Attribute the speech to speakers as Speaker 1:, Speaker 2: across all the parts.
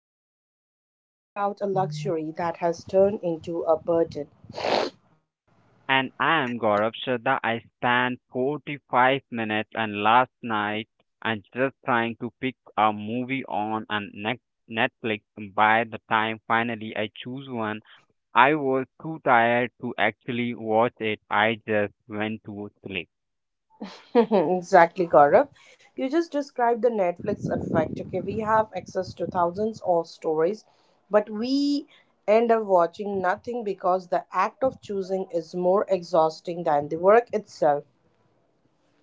Speaker 1: and today we are talking about a luxury that has turned into a burden.
Speaker 2: And I am Gaurav Shraddha. I spent 45 minutes and last night and just trying to pick a movie on and next Netflix. By the time finally I choose one, I was too tired to actually watch it. I just went to sleep.
Speaker 1: Exactly, Gaurav. You just described the Netflix effect. Okay, we have access to thousands of stories, but we end up watching nothing because the act of choosing is more exhausting than the work itself.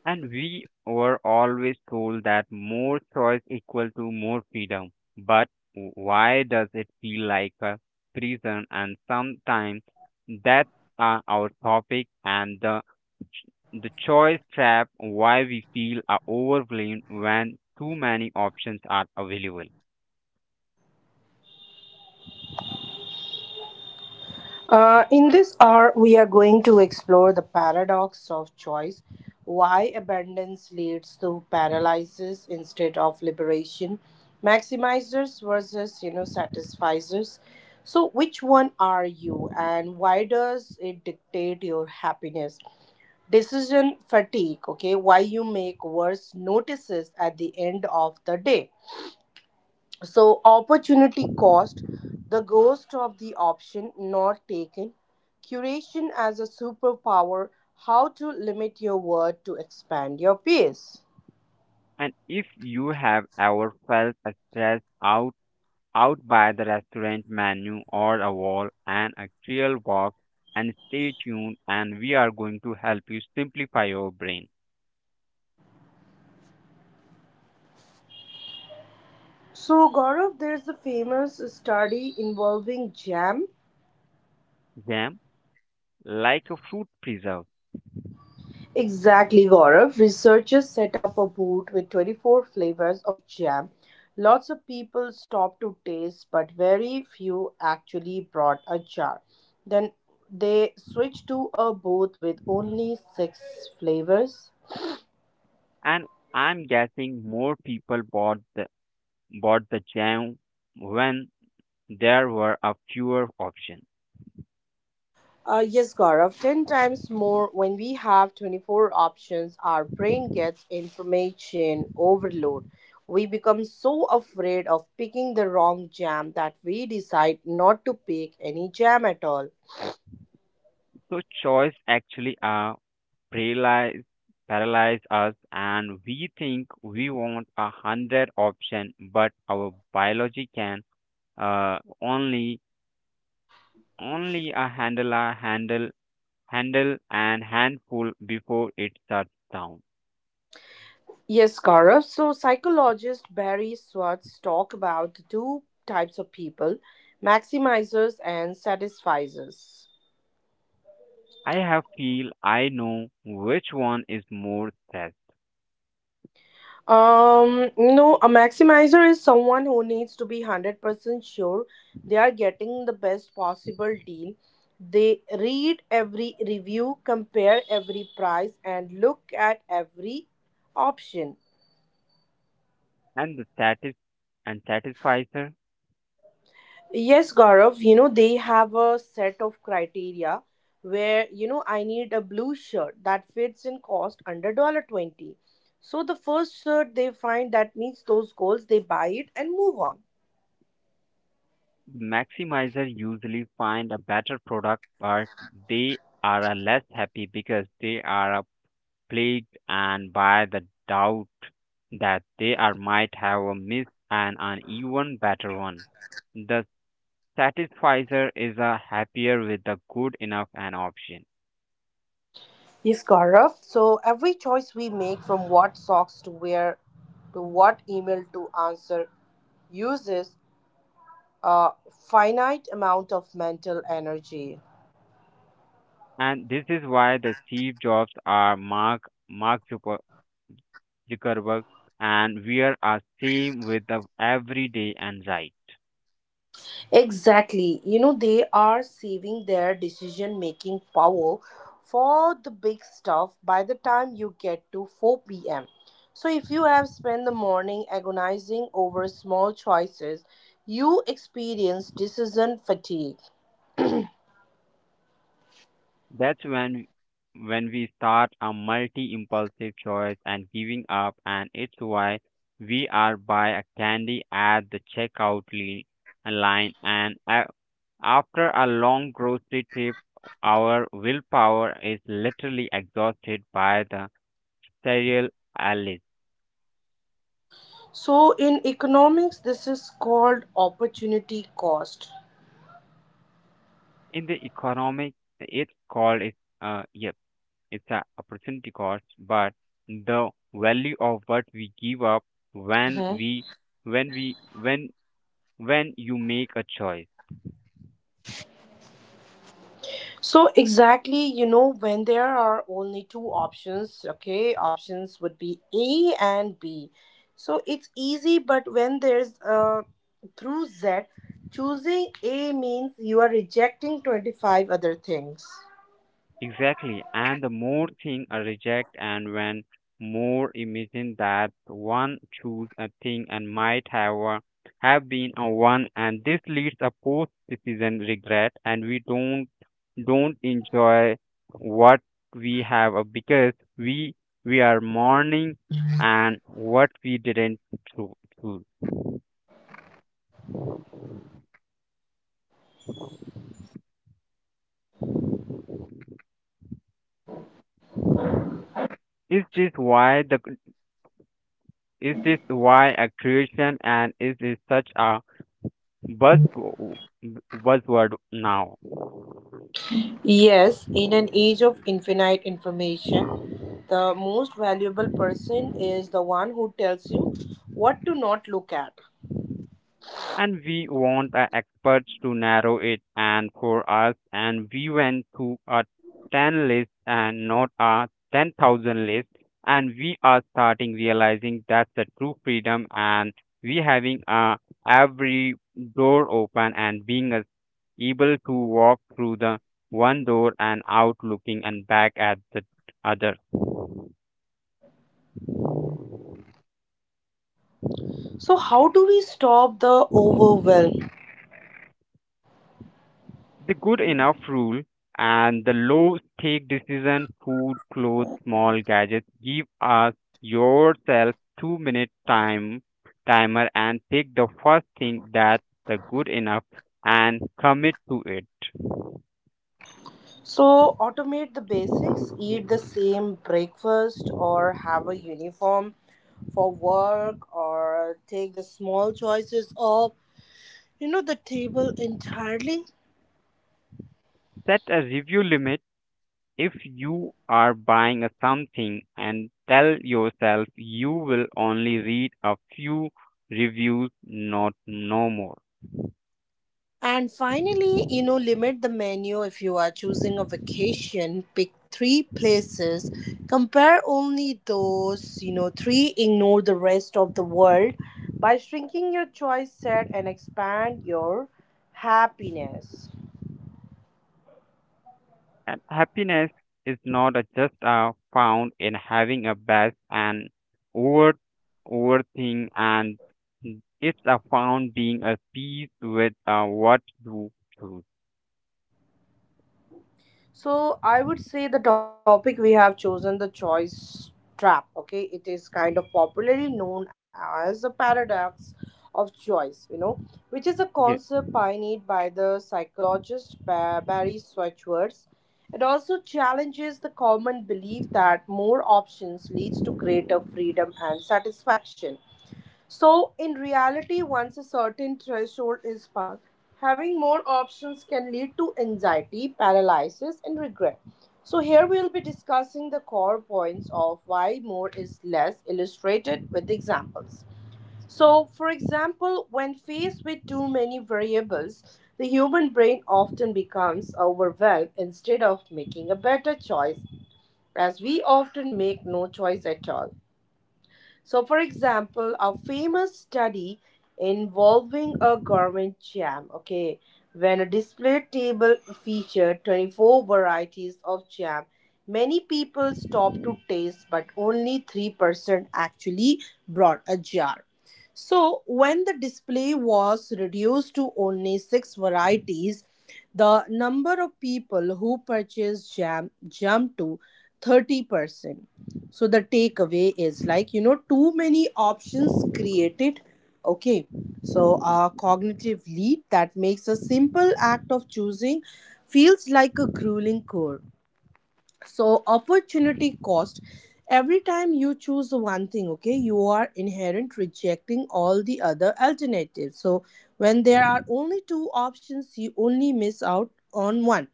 Speaker 2: And we were always told that more choice equal to more freedom. But why does it feel like a prison? And sometimes that's our topic and the choice trap. Why we feel are overwhelmed when too many options are available.
Speaker 1: In this hour, we are going to explore the paradox of choice, why abundance leads to paralysis instead of liberation, maximizers versus satisficers. So, which one are you, and why does it dictate your happiness? Decision fatigue. Okay, why you make worse notices at the end of the day. So, opportunity cost, the ghost of the option not taken, curation as a superpower, how to limit your word to expand your pace.
Speaker 2: And if you have ever felt stressed out by the restaurant menu or a wall and a trail walk and stay tuned and we are going to help you simplify your brain
Speaker 1: So, Gaurav, there's a famous study involving jam.
Speaker 2: jam like a fruit preserve
Speaker 1: Exactly, Gaurav. Researchers set up a booth with 24 flavors of jam. Lots of people stopped to taste, but very few actually brought a jar. Then they switched to a booth with only six flavors.
Speaker 2: and I'm guessing more people bought the jam when there were a fewer options.
Speaker 1: Yes, Gaurav, 10 times more. When we have 24 options, our brain gets information overload. We become so afraid of picking the wrong jam that we decide not to pick any jam at all.
Speaker 2: So choice actually paralyze paralyze us and we think we want 100 option but our biology can uh, only only a handle, handle and handful before it shuts down.
Speaker 1: Yes, Gaurav. So, psychologist Barry Swartz talk about two types of people: maximizers and satisfizers.
Speaker 2: I have feel I know which one is more safe,
Speaker 1: No, a maximizer is someone who needs to be 100% sure they are getting the best possible deal. They read every review, compare every price, and look at every option.
Speaker 2: and the satisficer
Speaker 1: Yes, Gaurav, you know, they have a set of criteria where, you know, I need a blue shirt that fits in cost under 20. So the first shirt they find that meets those goals, they buy it and move on.
Speaker 2: maximizer usually find a better product, but they are a less happy because they are a plagued and by the doubt that they are might have a miss and an even better one. The Satisfizer is a happier with the good enough an option.
Speaker 1: Yes, Gaurav. So every choice we make, from what socks to wear to what email to answer, uses a finite amount of mental energy.
Speaker 2: And this is why the Steve Jobs are Mark Zuckerberg and we are same with the everyday and right.
Speaker 1: Exactly. You know, they are saving their decision making power for the big stuff. By the time you get to 4 p.m., so if you have spent the morning agonizing over small choices, you experience decision fatigue.
Speaker 2: That's when we start a multi impulsive choice and giving up and it's why we are buy a candy at the checkout line and after a long grocery trip, our willpower is literally exhausted by the cereal alleys.
Speaker 1: So in economics, this is called opportunity cost.
Speaker 2: In the economic, it's called it. Yep, it's a opportunity cost, but the value of what we give up when
Speaker 1: Mhm.
Speaker 2: we when we when you make a choice.
Speaker 1: So exactly, you know, when there are only two options, okay, options would be A and B. So it's easy, but when there's through Z, choosing A means you are rejecting 25 other things.
Speaker 2: Exactly. And the more thing I reject and when more imagine that one choose a thing and have been a one and this leads a post decision regret and we don't enjoy what we have because we are mourning and what we didn't cho- choose. Is this why the is this why a creation and is this such a buzz buzzword now?
Speaker 1: Yes, in an age of infinite information, the most valuable person is the one who tells you what to not look at.
Speaker 2: And we want our experts to narrow it and for us and we went to a 10 list and not a 10,000 list and we are starting realizing that's the true freedom and we having every door open and being as able to walk through the one door and out looking and back at the other.
Speaker 1: So, how do we stop the overwhelm?
Speaker 2: The good enough rule and the low stake decision food clothes small gadgets give us yourself 2-minute timer and pick the first thing that's the good enough and commit to it.
Speaker 1: So, automate the basics, eat the same breakfast, or have a uniform for work, or take the small choices off, you know, the table entirely.
Speaker 2: Set a review limit if you are buying a something and tell yourself you will only read a few reviews not no more.
Speaker 1: And finally, you know, limit the menu. If you are choosing a vacation, pick three places, compare only those, you know, three, ignore the rest of the world. By shrinking your choice set and expand your happiness.
Speaker 2: And happiness is not a- just found in having a best and over overthing, and it's a found being at peace with what you choose.
Speaker 1: So I would say the topic we have chosen, the choice trap. Okay, it is kind of popularly known as the paradox of choice. You know, which is a
Speaker 2: Yes.
Speaker 1: concept pioneered by the psychologist Barry Schwartz. It also challenges the common belief that more options leads to greater freedom and satisfaction. So, in reality, once a certain threshold is passed, having more options can lead to anxiety, paralysis, and regret. So, here we will be discussing the core points of why more is less, illustrated with examples. So, for example, when faced with too many variables, the human brain often becomes overwhelmed instead of making a better choice, as we often make no choice at all. So, for example, a famous study involving a government jam, okay, when a display table featured 24 varieties of jam, many people stopped to taste, but only 3% actually brought a jar. So, when the display was reduced to only six varieties, the number of people who purchased jam jumped to 30%. So the takeaway is like, you know, too many options created. Okay. So a cognitive leap that makes a simple act of choosing feels like a grueling chore. So opportunity cost. Every time you choose one thing, okay, you are inherent rejecting all the other alternatives. So when there are only two options, you only miss out on one.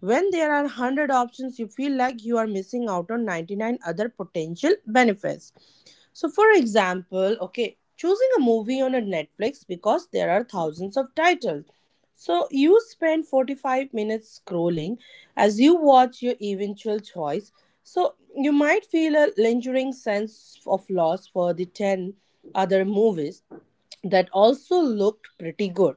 Speaker 1: When there are 100 options, you feel like you are missing out on 99 other potential benefits. So, for example, okay, choosing a movie on a Netflix, because there are thousands of titles. So, you spend 45 minutes scrolling as you watch your eventual choice. So, you might feel a lingering sense of loss for the 10 other movies that also looked pretty good.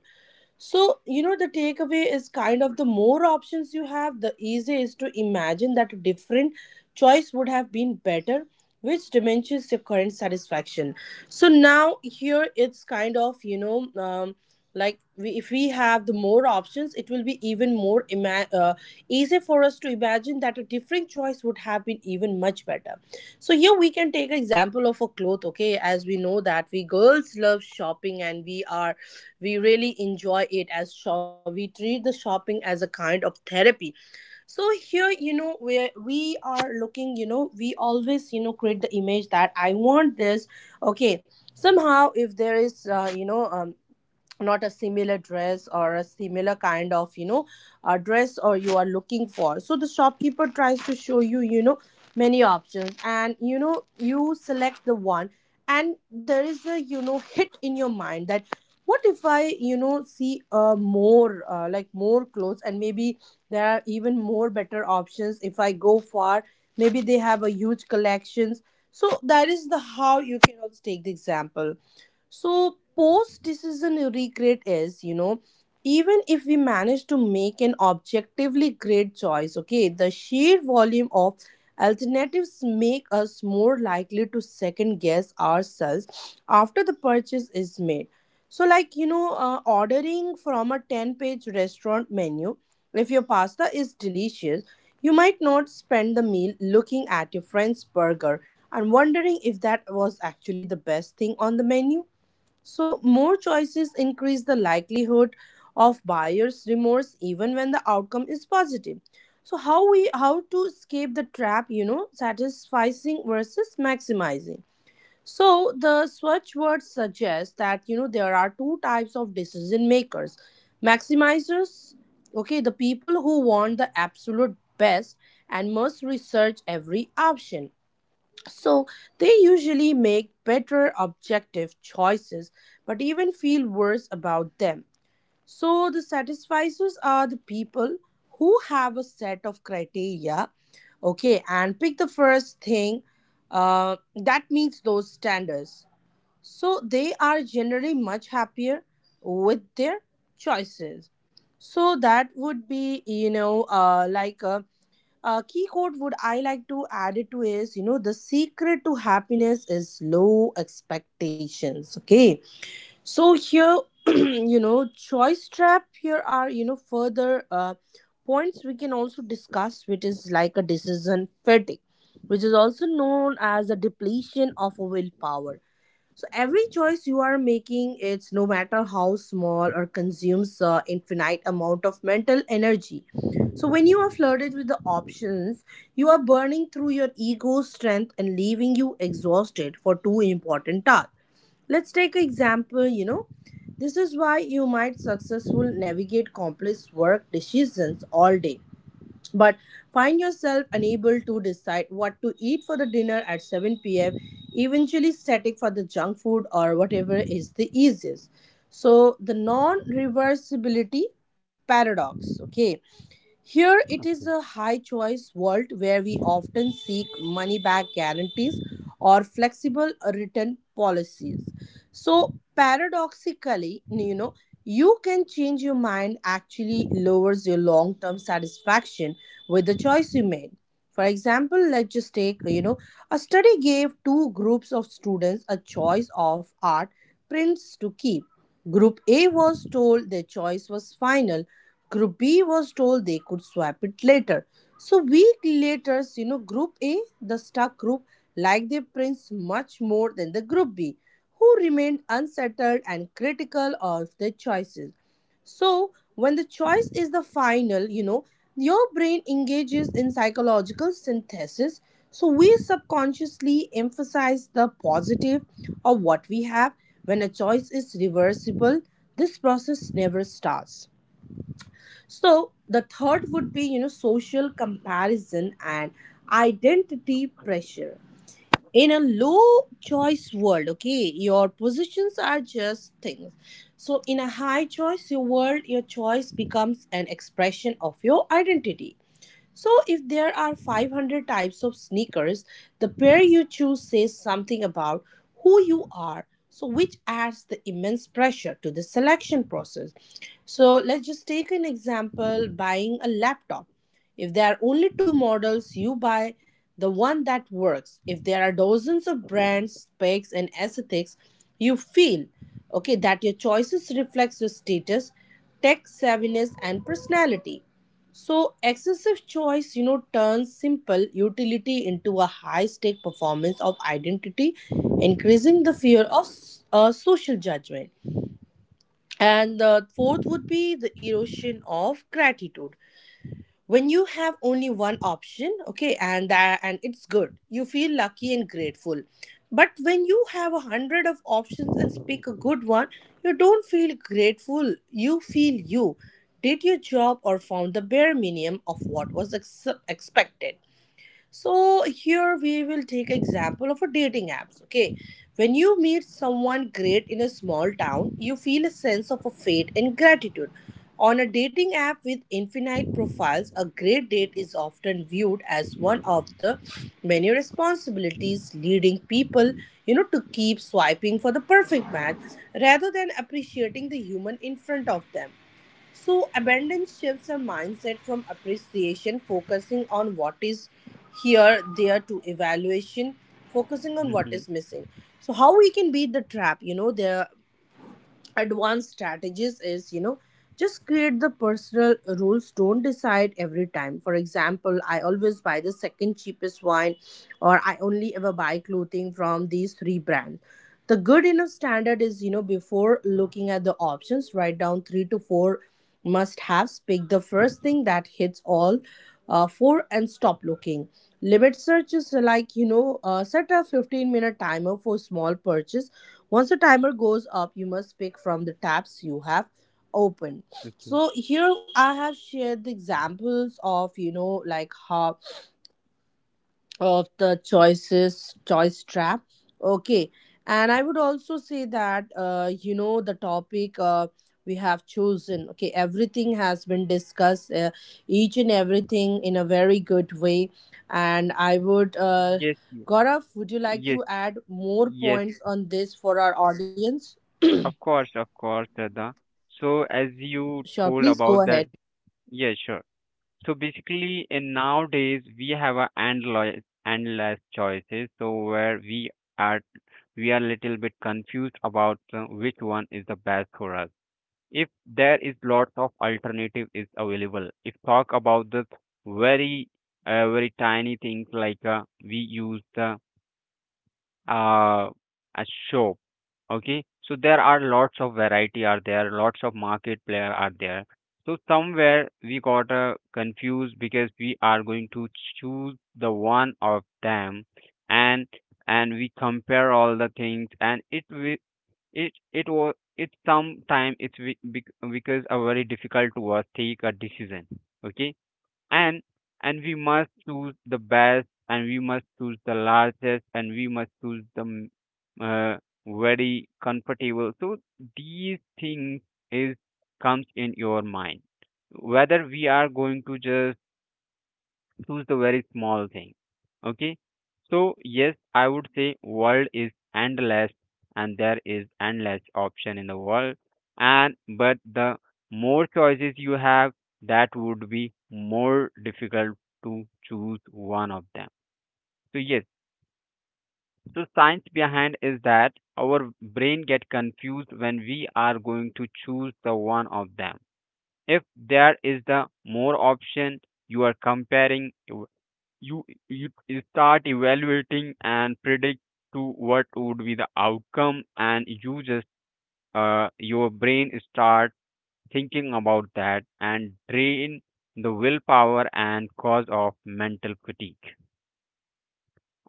Speaker 1: So, you know, the takeaway is kind of, the more options you have, the easier is to imagine that a different choice would have been better, which diminishes your current satisfaction. So now here it's kind of, you know, like we, if we have the more options, it will be even more easy for us to imagine that a different choice would have been even much better. So here we can take an example of a cloth, okay? As we know that we girls love shopping and we really enjoy it. As shop we treat the shopping as a kind of therapy. So here, you know, where we are looking, you know, we always, you know, create the image that I want this. Okay. Somehow if there is you know, not a similar dress, or a similar kind of, you know, a dress or you are looking for, so the shopkeeper tries to show you, you know, many options, and you know, you select the one, and there is a, you know, hit in your mind that, what if I, you know, see more, like more clothes, and maybe there are even more better options if I go far, maybe they have a huge collections. So that is the how you can also take the example. So, post decision regret is, you know, even if we manage to make an objectively great choice, okay, the sheer volume of alternatives make us more likely to second guess ourselves after the purchase is made. So, like, you know, ordering from a 10-page restaurant menu, if your pasta is delicious, you might not spend the meal looking at your friend's burger and wondering if that was actually the best thing on the menu. So, more choices increase the likelihood of buyer's remorse even when the outcome is positive. So, how we how to escape the trap, you know, satisfying versus maximizing. So, the Swatch word suggests that you know there are two types of decision makers. Maximizers, okay, the people who want the absolute best and must research every option, so they usually make better objective choices but even feel worse about them. So the satisficers are the people who have a set of criteria, okay, and pick the first thing that meets those standards. So they are generally much happier with their choices. So that would be, you know, like a key quote would I like to add it to is, you know, the secret to happiness is low expectations. Okay, so here you know choice trap. Here are you know further points we can also discuss, which is like a decision fatigue, which is also known as a depletion of a willpower. So every choice you are making, it's no matter how small, or consumes infinite amount of mental energy. So when you are flooded with the options, you are burning through your ego strength and leaving you exhausted for two important tasks. Let's take an example, you know. This is why you might successful navigate complex work decisions all day but find yourself unable to decide what to eat for the dinner at 7 p.m., eventually static for the junk food or whatever is the easiest. So, the non reversibility paradox, okay, here it is a high choice world where we often seek money back guarantees or flexible return policies. So paradoxically, you know, you can change your mind actually lowers your long-term satisfaction with the choice you made. For example, let's just take, you know, a study gave two groups of students a choice of art prints to keep. Group A was told their choice was final. Group B was told they could swap it later. So week later, you know, Group A, the stuck group, liked their prints much more than the Group B, who remained unsettled and critical of their choices. So when the choice is the final, you know, your brain engages in psychological synthesis. So we subconsciously emphasize the positive of what we have. When a choice is reversible, this process never starts. So the third would be, social comparison and identity pressure. In a low choice world, okay, your positions are just things. So in a high choice your world, your choice becomes an expression of your identity. So, if there are 500 types of sneakers, the pair you choose says something about who you are, so which adds the immense pressure to the selection process. So, let's just take an example buying a laptop. If there are only two models, you buy the one that works. If there are dozens of brands, specs, and aesthetics, you feel okay that your choices reflects your status, tech savviness, and personality. So excessive choice, turns simple utility into a high-stake performance of identity, increasing the fear of social judgment. And the fourth would be the erosion of gratitude when you have only one option, okay, and that and it's good, you feel lucky and grateful, but when you have 100 of options and pick a good one, you don't feel grateful, you feel you did your job or found the bare minimum of what was expected. So here we will take example of a dating apps. Okay, when you meet someone great in a small town, you feel a sense of a fate and gratitude. On a dating app with infinite profiles, a great date is often viewed as one of the many responsibilities leading people, to keep swiping for the perfect match rather than appreciating the human in front of them. So, abundance shifts our mindset from appreciation, focusing on what is here, there, to evaluation, focusing on what
Speaker 2: Mhm.
Speaker 1: is missing. So, how we can beat the trap? There advanced strategies is just create the personal rules, don't decide every time. For example, I always buy the second cheapest wine or I only ever buy clothing from these three brands. The good enough standard is, before looking at the options, write down 3 to 4 must haves, pick the first thing that hits all four and stop looking. Limit search is like, set a 15-minute timer for small purchase. Once the timer goes up, you must pick from the tabs you have opened.
Speaker 2: Okay.
Speaker 1: So here I have shared the examples of like how of the choice trap. Okay, and I would also say that the topic we have chosen. Okay, everything has been discussed, each and everything in a very good way, and I would.
Speaker 2: Yes. Yes.
Speaker 1: Gaurav, would you like
Speaker 2: Yes.
Speaker 1: to add more
Speaker 2: Yes.
Speaker 1: points on this for our audience?
Speaker 2: Of course. Of course, Radha. So as you
Speaker 1: Sure,
Speaker 2: told
Speaker 1: please go
Speaker 2: about that,
Speaker 1: ahead.
Speaker 2: yeah, sure. So basically, in nowadays we have a endless choices. So where are we are a little bit confused about which one is the best for us. If there is lots of alternative is available, if talk about the very very tiny things like we use the uh, a shop, okay. So there are lots of variety are there, lots of market player are there. So somewhere we got confused because we are going to choose the one of them, and and we compare all the things and it will it it was it sometimes it's be, because a very difficult to us take a decision. Okay, and and we must choose the best, and we must choose the largest, and we must choose the uh, very comfortable. So these things is comes in your mind whether we are going to just choose the very small thing. Okay. So yes, I would say world is endless and there is endless option in the world. And but the more choices you have, that would be more difficult to choose one of them. So yes, so science behind is that our brain get confused when we are going to choose the one of them. If there is the more option you are comparing you start evaluating and predict to what would be the outcome and you just your brain start thinking about that and drain the willpower and cause of mental fatigue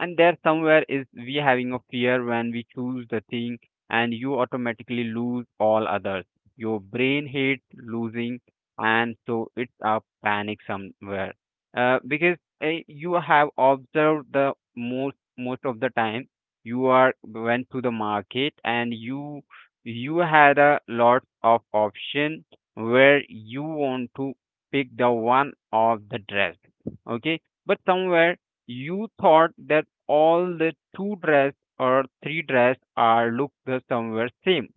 Speaker 2: and there somewhere is we having a fear when we choose the thing and you automatically lose all others. Your brain hates losing and so it's a panic somewhere because you have observed the most of the time you are went to the market and you had a lot of option where you want to pick the one of the dress, okay, but somewhere you thought that all the two dress or three dress are look the somewhere same,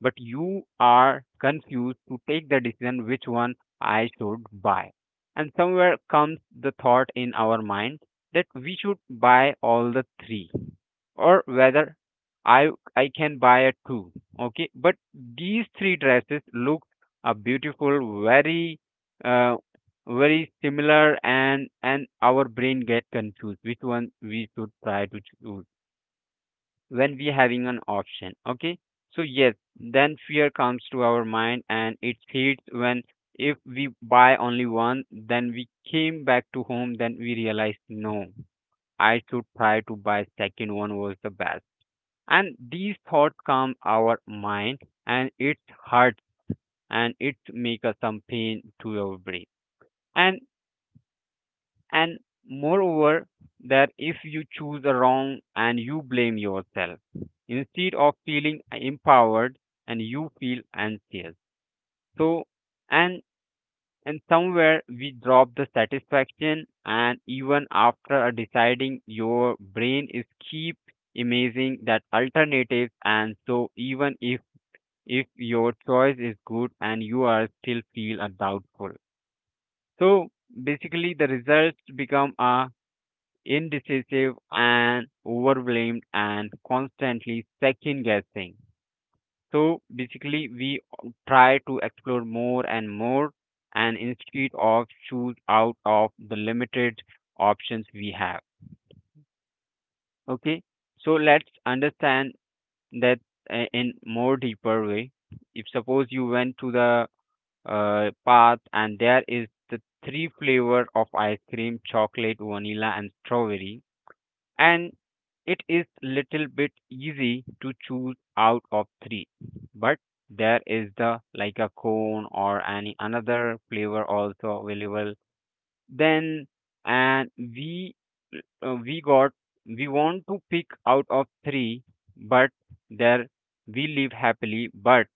Speaker 2: but you are confused to take the decision which one I should buy. And somewhere comes the thought in our mind that we should buy all the three or whether I I can buy a two. Okay, but these three dresses look a beautiful, very uh, very similar, and our brain get confused which one we should try to choose when we having an option, okay. So yes, then fear comes to our mind and it hits when if we buy only one then we came back to home then we realized no, I should try to buy second one was the best. And these thoughts come our mind and it hurts and it make us some pain to our brain and and moreover that if you choose a wrong and you blame yourself instead of feeling empowered and you feel anxious. So and and somewhere we drop the satisfaction and even after a deciding your brain is keep imaging that alternatives and so even if your choice is good and you are still feel a doubtful. So basically the results become a indecisive and overblamed, and constantly second guessing. So basically, we try to explore more and more, and instead of choose out of the limited options we have. Okay, so let's understand that in more deeper way. If suppose you went to the path and there is the three flavor of ice cream, chocolate, vanilla, and strawberry and it is little bit easy to choose out of three, but there is the like a cone or any another flavor also available then and uh, we got we want to pick out of three, but there we live happily, but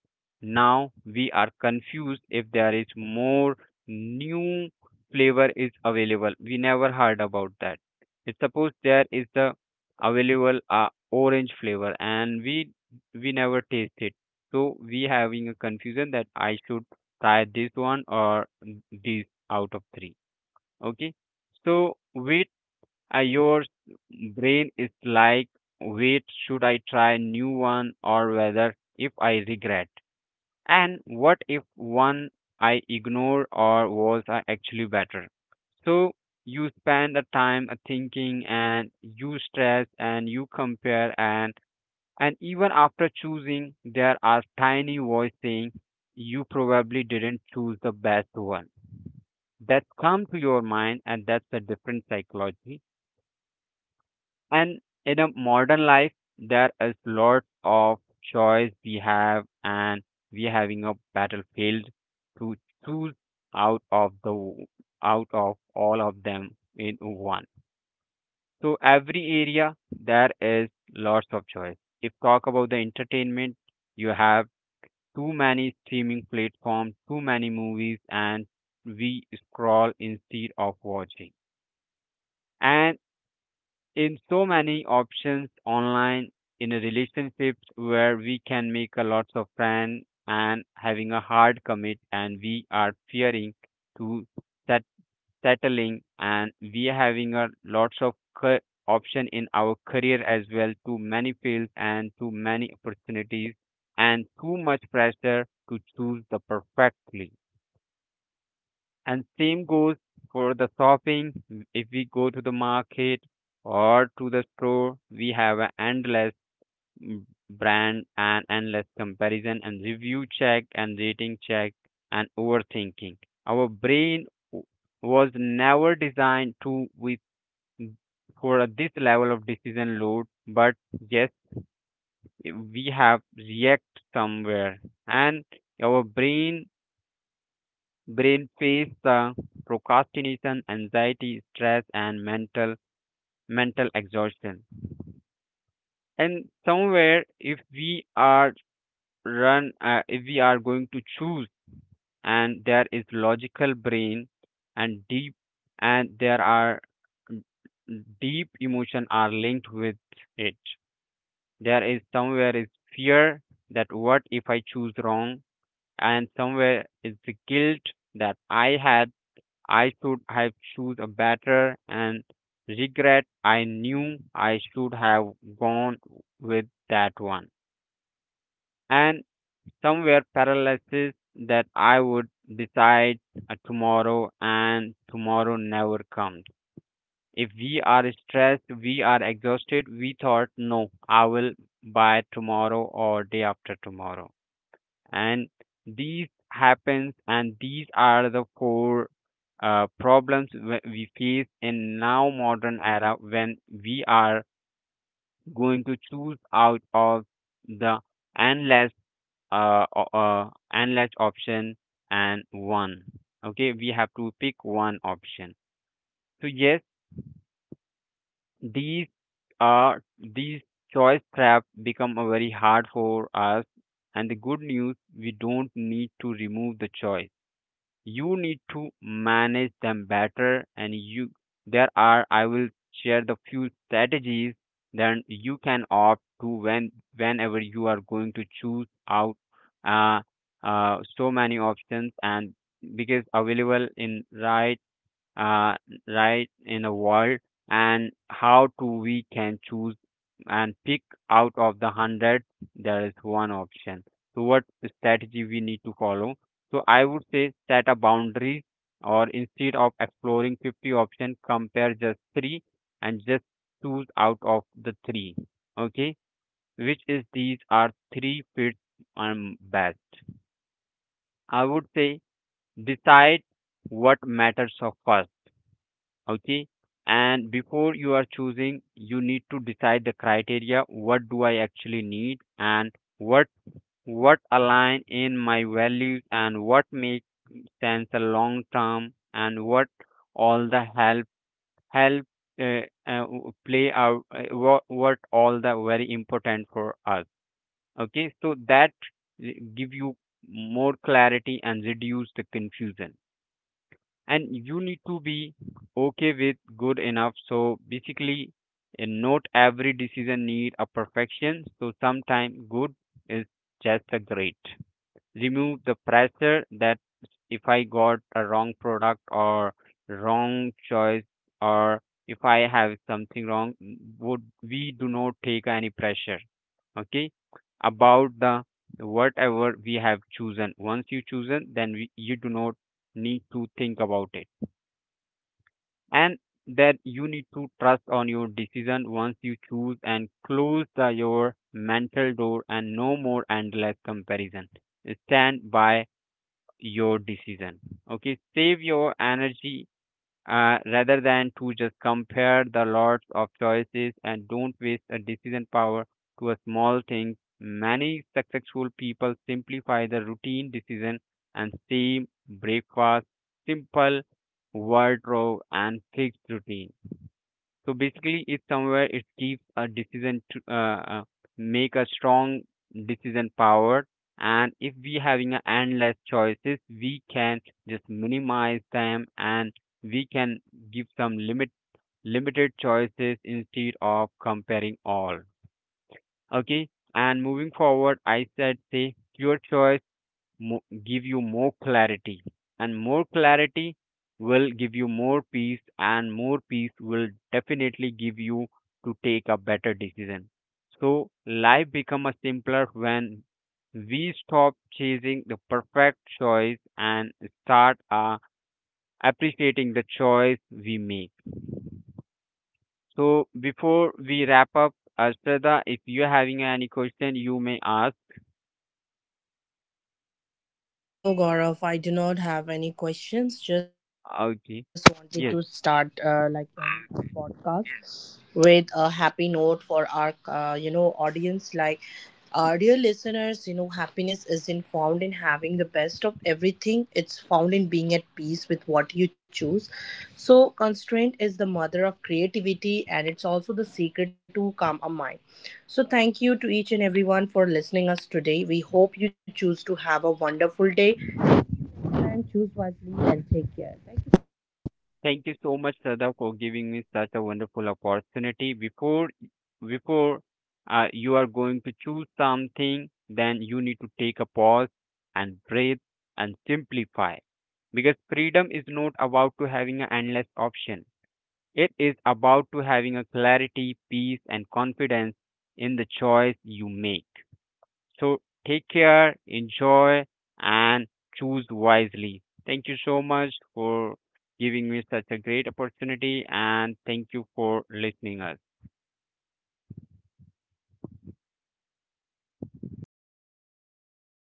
Speaker 2: now we are confused if there is more new flavor is available. We never heard about that. It's suppose there is the available orange flavor and we never taste it. So we having a confusion that I should try this one or this out of three, okay. So wait, your brain is like wait should I try new one or whether if I regret and what if one I ignore or was actually better. So you spend the time thinking and you stress and you compare and even after choosing there are tiny voice saying you probably didn't choose the best one that come to your mind and that's a different psychology. And in a modern life there is lots of choice we have and we having a battlefield to choose out of the out of all of them in one. So every area there is lots of choice. If talk about the entertainment, you have too many streaming platforms too many movies and we scroll instead of watching and in so many options online. In a relationships where we can make a lots of friends and having a hard commit and we are fearing to set, settling and we are having a lots of ca- option in our career as well too many fields and too many opportunities and too much pressure to choose the perfectly and same goes for the shopping. If we go to the market or to the store, we have an endless mm, brand and endless comparison and review check and rating check and overthinking. Our w- was never designed to with for this level of decision load, but yes, we have react somewhere and our brain face the procrastination, anxiety, stress, and mental exhaustion. And somewhere, if we are if we are going to choose, and there is logical brain and deep, and there are mm, deep emotion are linked with it. There is somewhere is fear that what if I choose wrong, and somewhere is the guilt that I should have choose a better and regret I knew I should have gone with that one. And somewhere paralysis that I would decide tomorrow and tomorrow never comes. If we are stressed, we are exhausted, we thought no, I will by tomorrow or day after tomorrow and these happens, and these are the four problems we face in now modern era when we are going to choose out of the endless endless option and one. Okay, we have to pick one option, so yes, these these choice trap become a very hard for us. And the good news, we don't need to remove the choice, you need to manage them better. And you, there are, I will share the few strategies that you can opt to when whenever you are going to choose out uh, so many options and because available in right, uh, right in the world. And how to we can choose and pick out of the 100, there is one option. So what strategy we need to follow? So I would say set a boundary or instead of exploring 50 options, compare just three and just choose out of the three. Okay, which is these are three fits best. I would say decide what matters of first. Okay, and before you are choosing you need to decide the criteria, what do I actually need, and what what align in my values and what makes sense a long term, and what all the help play out, what all the very important for us. Okay, so that uh, give you more clarity and reduce the confusion. And you need to be okay with good enough. So basically, not every decision need a perfection, so sometimes good is just a great. Remove the pressure that if I got a wrong product or wrong choice, or if I have something wrong, would we do not take any pressure. Okay, about the whatever we have chosen, once you chosen then we, you do not need to think about it. And that you need to trust on your decision once you choose and close the, your mental door and no more endless comparison. Stand by your decision. Okay, save your energy, rather than to just compare the lots of choices and don't waste a decision power to a small thing. Many successful people simplify the routine decision and stay breakfast, simple wardrobe and fixed routine. So basically, it's somewhere it keeps a decision to make a strong decision power. And if we having a endless choices, we can just minimize them and we can give some limited choices instead of comparing all. Okay. And moving forward, I said say your choice, give you more clarity, and more clarity will give you more peace, and more peace will definitely give you to take a better decision. So life become a simpler when we stop chasing the perfect choice and start appreciating the choice we make. So before we wrap up Ashrada, if you're having any question you may ask.
Speaker 1: No, Gaurav, I do not have any questions. Just
Speaker 2: Okay,
Speaker 1: wanted to
Speaker 2: yes.
Speaker 1: start like a podcast with a happy note for our audience. Like dear listeners, happiness isn't found in having the best of everything. It's found in being at peace with what you choose. So, constraint is the mother of creativity and it's also the secret to calm a mind. So, thank you to each and everyone for listening us today. We hope you choose to have a wonderful day and choose wisely and take care. Thank you so much, Gaurav.
Speaker 2: Thank you so much, Sada, for giving me such a wonderful opportunity. Before you are going to choose something, then you need to take a pause and breathe and simplify. Because freedom is not about to having an endless option. It is about to having a clarity, peace, and confidence in the choice you make. So take care, enjoy, and choose wisely. Thank you so much for giving me such a great opportunity, and thank you for listening us.
Speaker 1: Thank